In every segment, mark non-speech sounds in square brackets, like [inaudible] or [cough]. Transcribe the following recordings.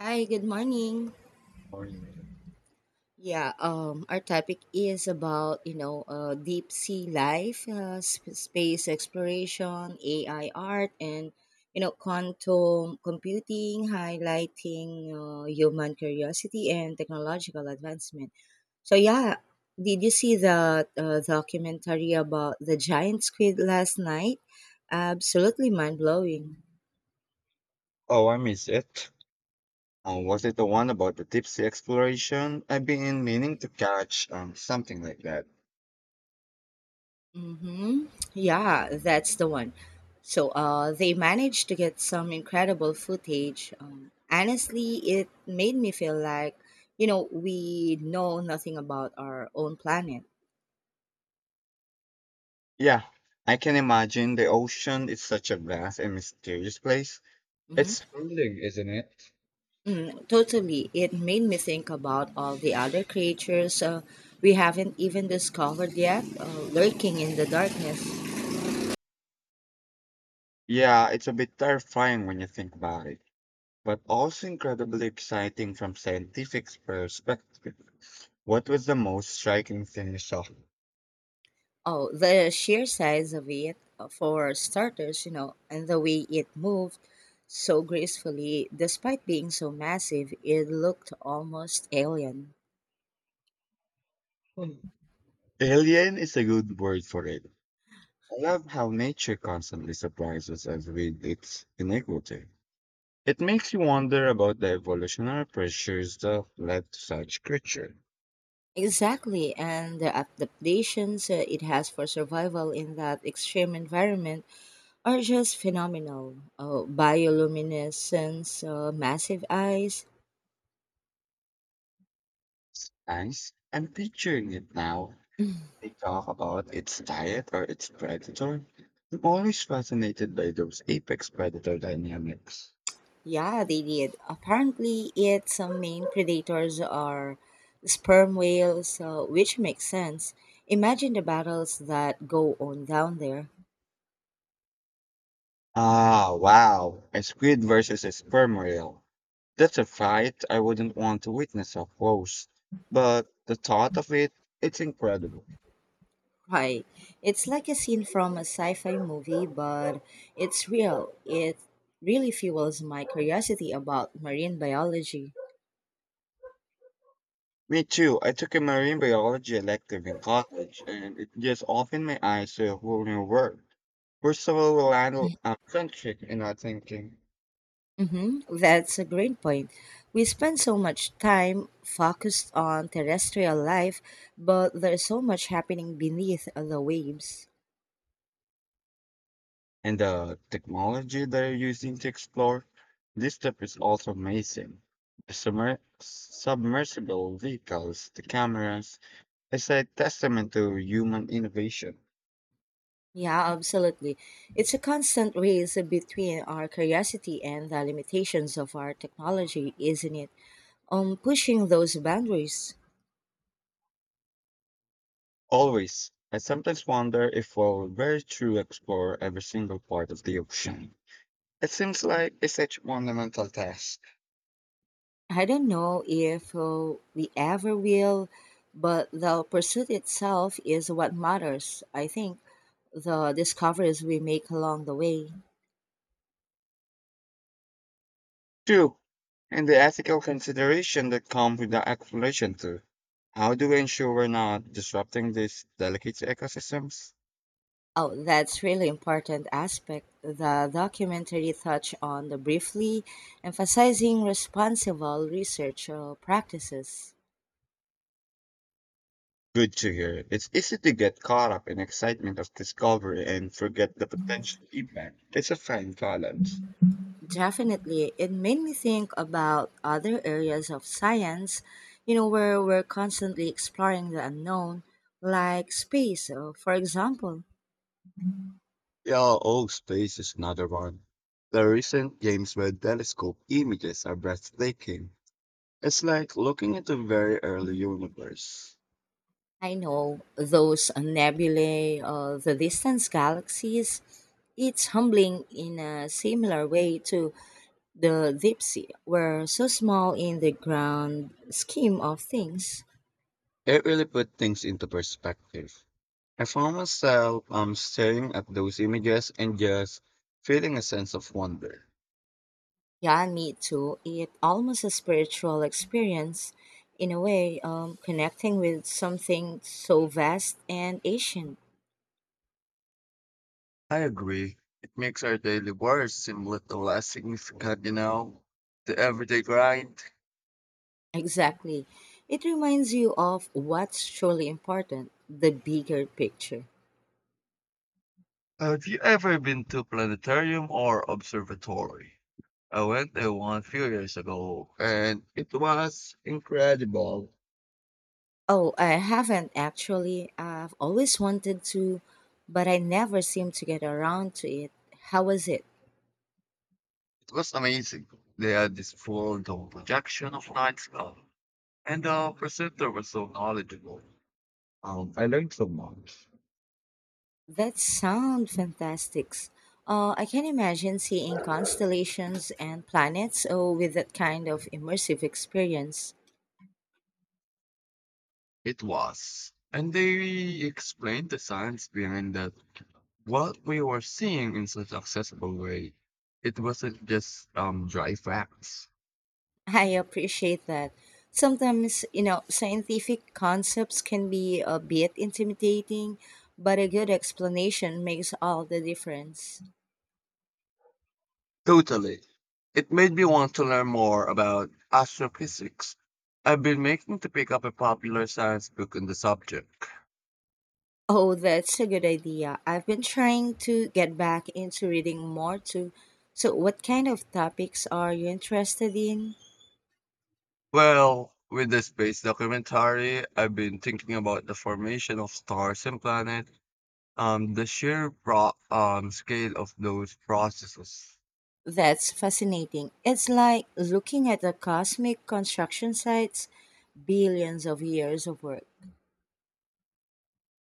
Hi, good morning. Oh, Yeah, our topic is about, deep sea life, space exploration, AI art, and, you know, quantum computing, highlighting human curiosity and technological advancement. So, yeah, did you see the documentary about the giant squid last night? Absolutely mind blowing. I miss it. Was it the one about the deep sea exploration? I've been meaning to catch something like that. Hmm. Yeah, that's the one. So they managed to get some incredible footage. Honestly, it made me feel like, you know, we know nothing about our own planet. Yeah, I can imagine the ocean is such a vast and mysterious place. Hmm. It's humbling, isn't it? Mm, totally. It made me think about all the other creatures we haven't even discovered yet, lurking in the darkness. Yeah, it's a bit terrifying when you think about it, but also incredibly exciting from scientific perspective. What was the most striking thing you saw? Oh, the sheer size of it, for starters, you know, and the way it moved so gracefully, despite being so massive, it looked almost alien. Hmm. Alien is a good word for it. I love how nature constantly surprises us with its inequity. It makes you wonder about the evolutionary pressures that led to such creature. Exactly, and the adaptations it has for survival in that extreme environment are just phenomenal. Bioluminescence, massive eyes. Nice. I'm picturing it now. They talk about its diet or its predator. I'm always fascinated by those apex predator dynamics. Yeah, they did. Apparently, its main predators are sperm whales, which makes sense. Imagine the battles that go on down there. Ah, wow. A squid versus a sperm whale. That's a fight I wouldn't want to witness up close. But the thought of it, it's incredible. Right. It's like a scene from a sci fi movie, but it's real. It really fuels my curiosity about marine biology. Me too. I took a marine biology elective in college, and it just opened my eyes to a whole new world. We're so land centric in our thinking, Hmm. That's a great point. We spend so much time focused on terrestrial life, but there's so much happening beneath the waves. and the technology they're using to explore this stuff is also amazing. The submersible vehicles, the cameras, it's a testament to human innovation. Yeah, absolutely. It's a constant race between our curiosity and the limitations of our technology, isn't it? Pushing those boundaries. Always, I sometimes wonder if we'll very truly explore every single part of the ocean. It seems like it's such a monumental task. I don't know if we ever will, but the pursuit itself is what matters. I think the discoveries we make along the way. Two, and the ethical consideration that come with the exploration too. How do we ensure we're not disrupting these delicate ecosystems? Oh, that's really important aspect. The documentary touched on the briefly, emphasizing responsible research practices. Good to hear. It's easy to get caught up in excitement of discovery and forget the potential impact. It's a fine balance. Definitely. It made me think about other areas of science, you know, where we're constantly exploring the unknown, like space, for example. Yeah, oh, space is another one. The recent James Webb Telescope images are breathtaking. It's like looking at a very early universe. I know those nebulae, the distant galaxies, it's humbling in a similar way to the deep sea. We're so small in the grand scheme of things. It really put things into perspective. I found myself staring at those images and just feeling a sense of wonder. Yeah, me too. It almost a spiritual experience in a way, connecting with something so vast and ancient. I agree. It makes our daily worries seem little less significant, the everyday grind. Exactly. It reminds you of what's truly important, the bigger picture. Have you ever been to planetarium or observatory? I went there one few years ago, and it was incredible. Oh, I haven't actually. I've always wanted to, but I never seem to get around to it. How was it? It was amazing. They had this full dome projection of night sky, and the presenter was so knowledgeable. I learned so much. That sound fantastic! I can imagine seeing constellations and planets oh, with that kind of immersive experience. It was. And they explained the science behind that what we were seeing in such accessible way. It wasn't just dry facts. I appreciate that. Sometimes, you know, scientific concepts can be a bit intimidating, but a good explanation makes all the difference. Totally. It made me want to learn more about astrophysics. I've been making to pick up a popular science book on the subject. Oh, that's a good idea. I've been trying to get back into reading more too. So, what kind of topics are you interested in? Well, with the space documentary, I've been thinking about the formation of stars and planets. The sheer raw scale of those processes. That's fascinating. It's like looking at the cosmic construction sites, billions of years of work.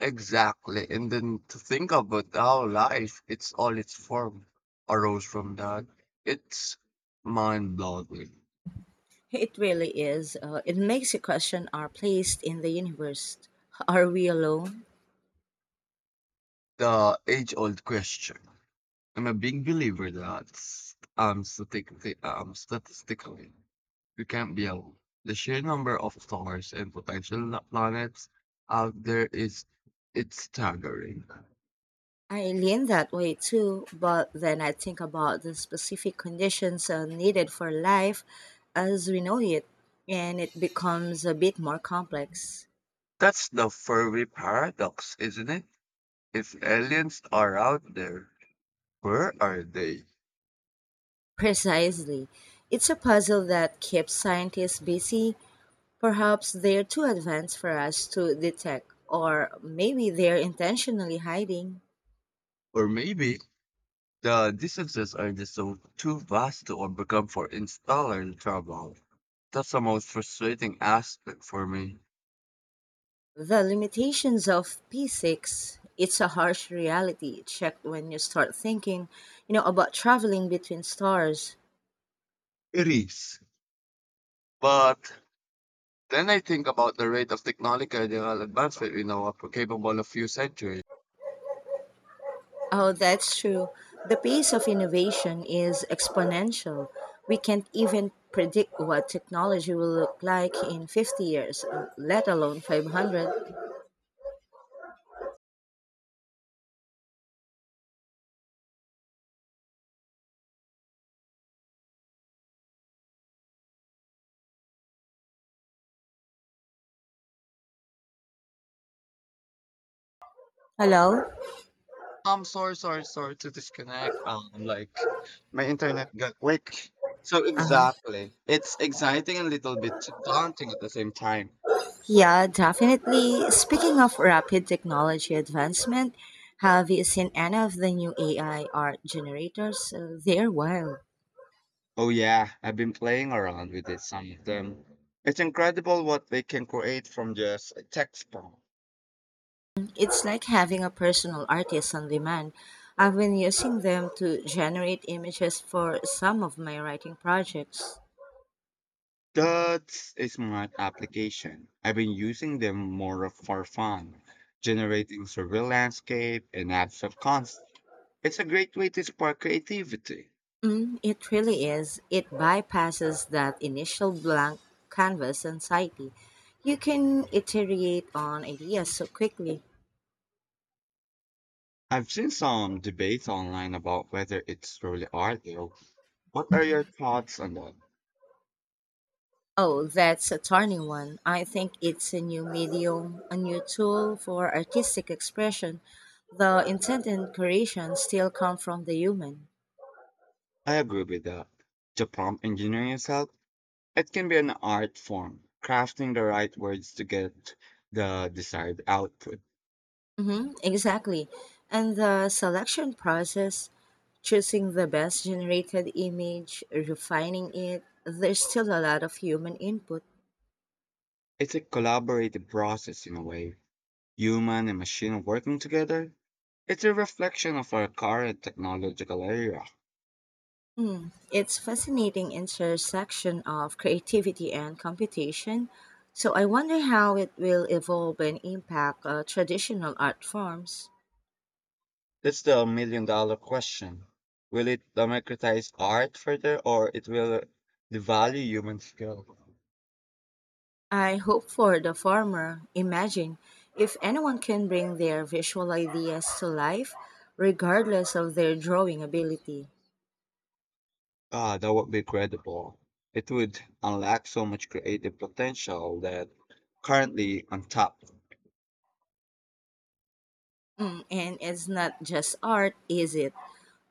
Exactly. And then to think about how life, it's all its form, arose from that. It's mind blowing. It really is. It makes you question our place in the universe. Are we alone? The age old question. I'm a big believer that statistically, we can't be alone. The sheer number of stars and potential planets out there is it's staggering. I lean that way too, but then I think about the specific conditions needed for life as we know it, and it becomes a bit more complex. That's the furry paradox, isn't it? If aliens are out there, where are they? Precisely. It's a puzzle that keeps scientists busy. Perhaps they're too advanced for us to detect, or maybe they're intentionally hiding. Or maybe the distances are just so too vast to overcome for installer trouble. That's the most frustrating aspect for me. The limitations of P6, it's a harsh reality check when you start thinking, you know, about traveling between stars. It is. But then I think about the rate of technological advancement we know are capable of few centuries. Oh, that's true. The pace of innovation is exponential. We can't even predict what technology will look like in 50 years, let alone 500. Hello? I'm sorry, sorry, sorry to disconnect. My internet got weak. So Uh-huh. exactly, it's exciting and a little bit daunting at the same time. Yeah, definitely. Speaking of rapid technology advancement, have you seen any of the new AI art generators? They're wild. Oh yeah, I've been playing around with it, some of them. It's incredible what they can create from just a text prompt. It's like having a personal artist on demand. I've been using them to generate images for some of my writing projects. That's a smart application. I've been using them more for fun, generating surreal landscape and abstract concepts. It's a great way to spark creativity. Mm, it really is. It bypasses that initial blank canvas anxiety. You can iterate on ideas so quickly. I've seen some debates online about whether it's truly art, though. What are your thoughts on that? Oh, that's a turning one. I think it's a new medium, a new tool for artistic expression. The intent and creation still come from the human. I agree with that. The prompt engineering yourself it can be an art form, crafting the right words to get the desired output. Hmm, exactly. And the selection process, choosing the best generated image, refining it, there's still a lot of human input. It's a collaborative process in a way, human and machine working together. It's a reflection of our current technological era. Mm, it's fascinating intersection of creativity and computation. So I wonder how it will evolve and impact traditional art forms. That's the million dollar question. Will it democratize art further or it will devalue human skill? I hope for the former. Imagine if anyone can bring their visual ideas to life, regardless of their drawing ability. Ah, that would be incredible. It would unlock so much creative potential that currently untapped. Mm, and it's not just art, is it?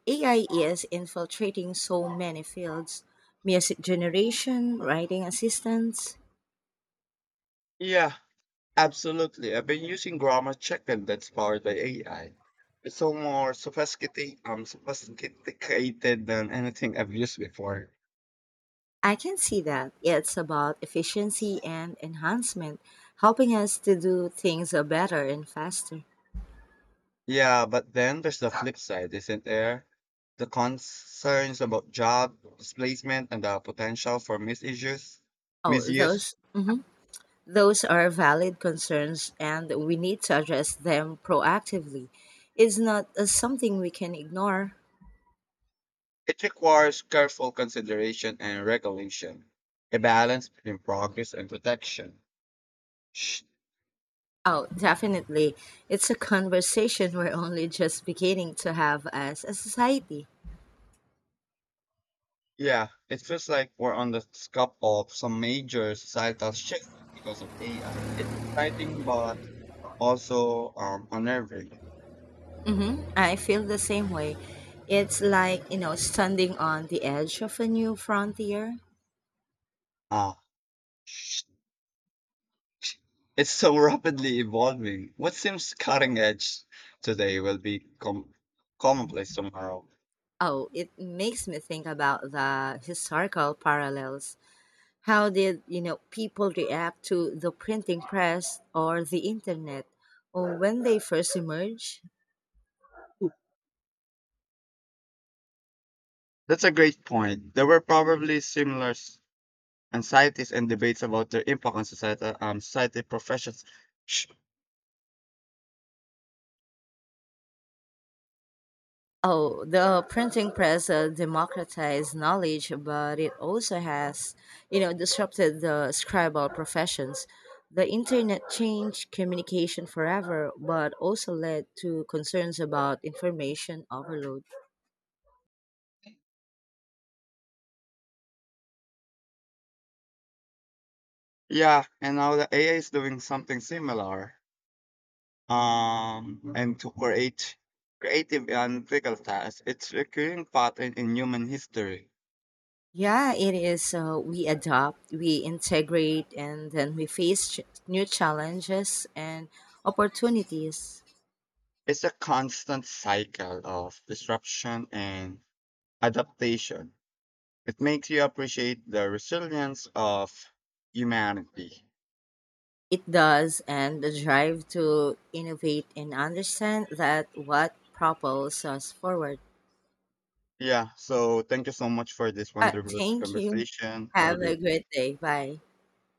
AI is infiltrating so many fields music generation, writing assistance. Yeah, absolutely. I've been using grammar checker that's powered by AI. It's so more sophisticated than anything I've used before. I can see that. It's about efficiency and enhancement, helping us to do things better and faster. Yeah, but then there's the flip side, isn't there? The concerns about job displacement and the potential for Oh, misuse. those mhm. Those are valid concerns, and we need to address them proactively. It's not something we can ignore. It requires careful consideration and regulation, a balance between progress and protection. Oh, definitely. It's a conversation we're [laughs] only just beginning to have as a society. Yeah, it feels like we're on the cusp of some major societal shift because of AI. It's exciting, but also unnerving. I feel the same way. It's like, you know, standing on the edge of a new frontier. Ah, sh- sh- it's so rapidly evolving. What seems cutting edge today will be commonplace tomorrow. Oh, it makes me think about the historical parallels. How did, you know, people react to the printing press or the internet or when they first emerged? That's a great point. There were probably anxieties and debates about their impact on society professions. Sh- Oh, the printing press democratized knowledge, but it also has, you know, disrupted the scribal professions. The internet changed communication forever, but also led to concerns about information overload. Yeah, and now the AI is doing something similar. And to create Creative and critical tasks. Its recurring pattern in human history Yeah, it is. We adopt, we integrate, and then we face new challenges and opportunities. is a constant cycle of disruption and adaptation. It makes you appreciate the resilience of humanity. It does, and the drive to innovate and understand that what propels us forward. Yeah, so thank you so much for this wonderful Thank you. conversation. Have a Have a great great day. Bye.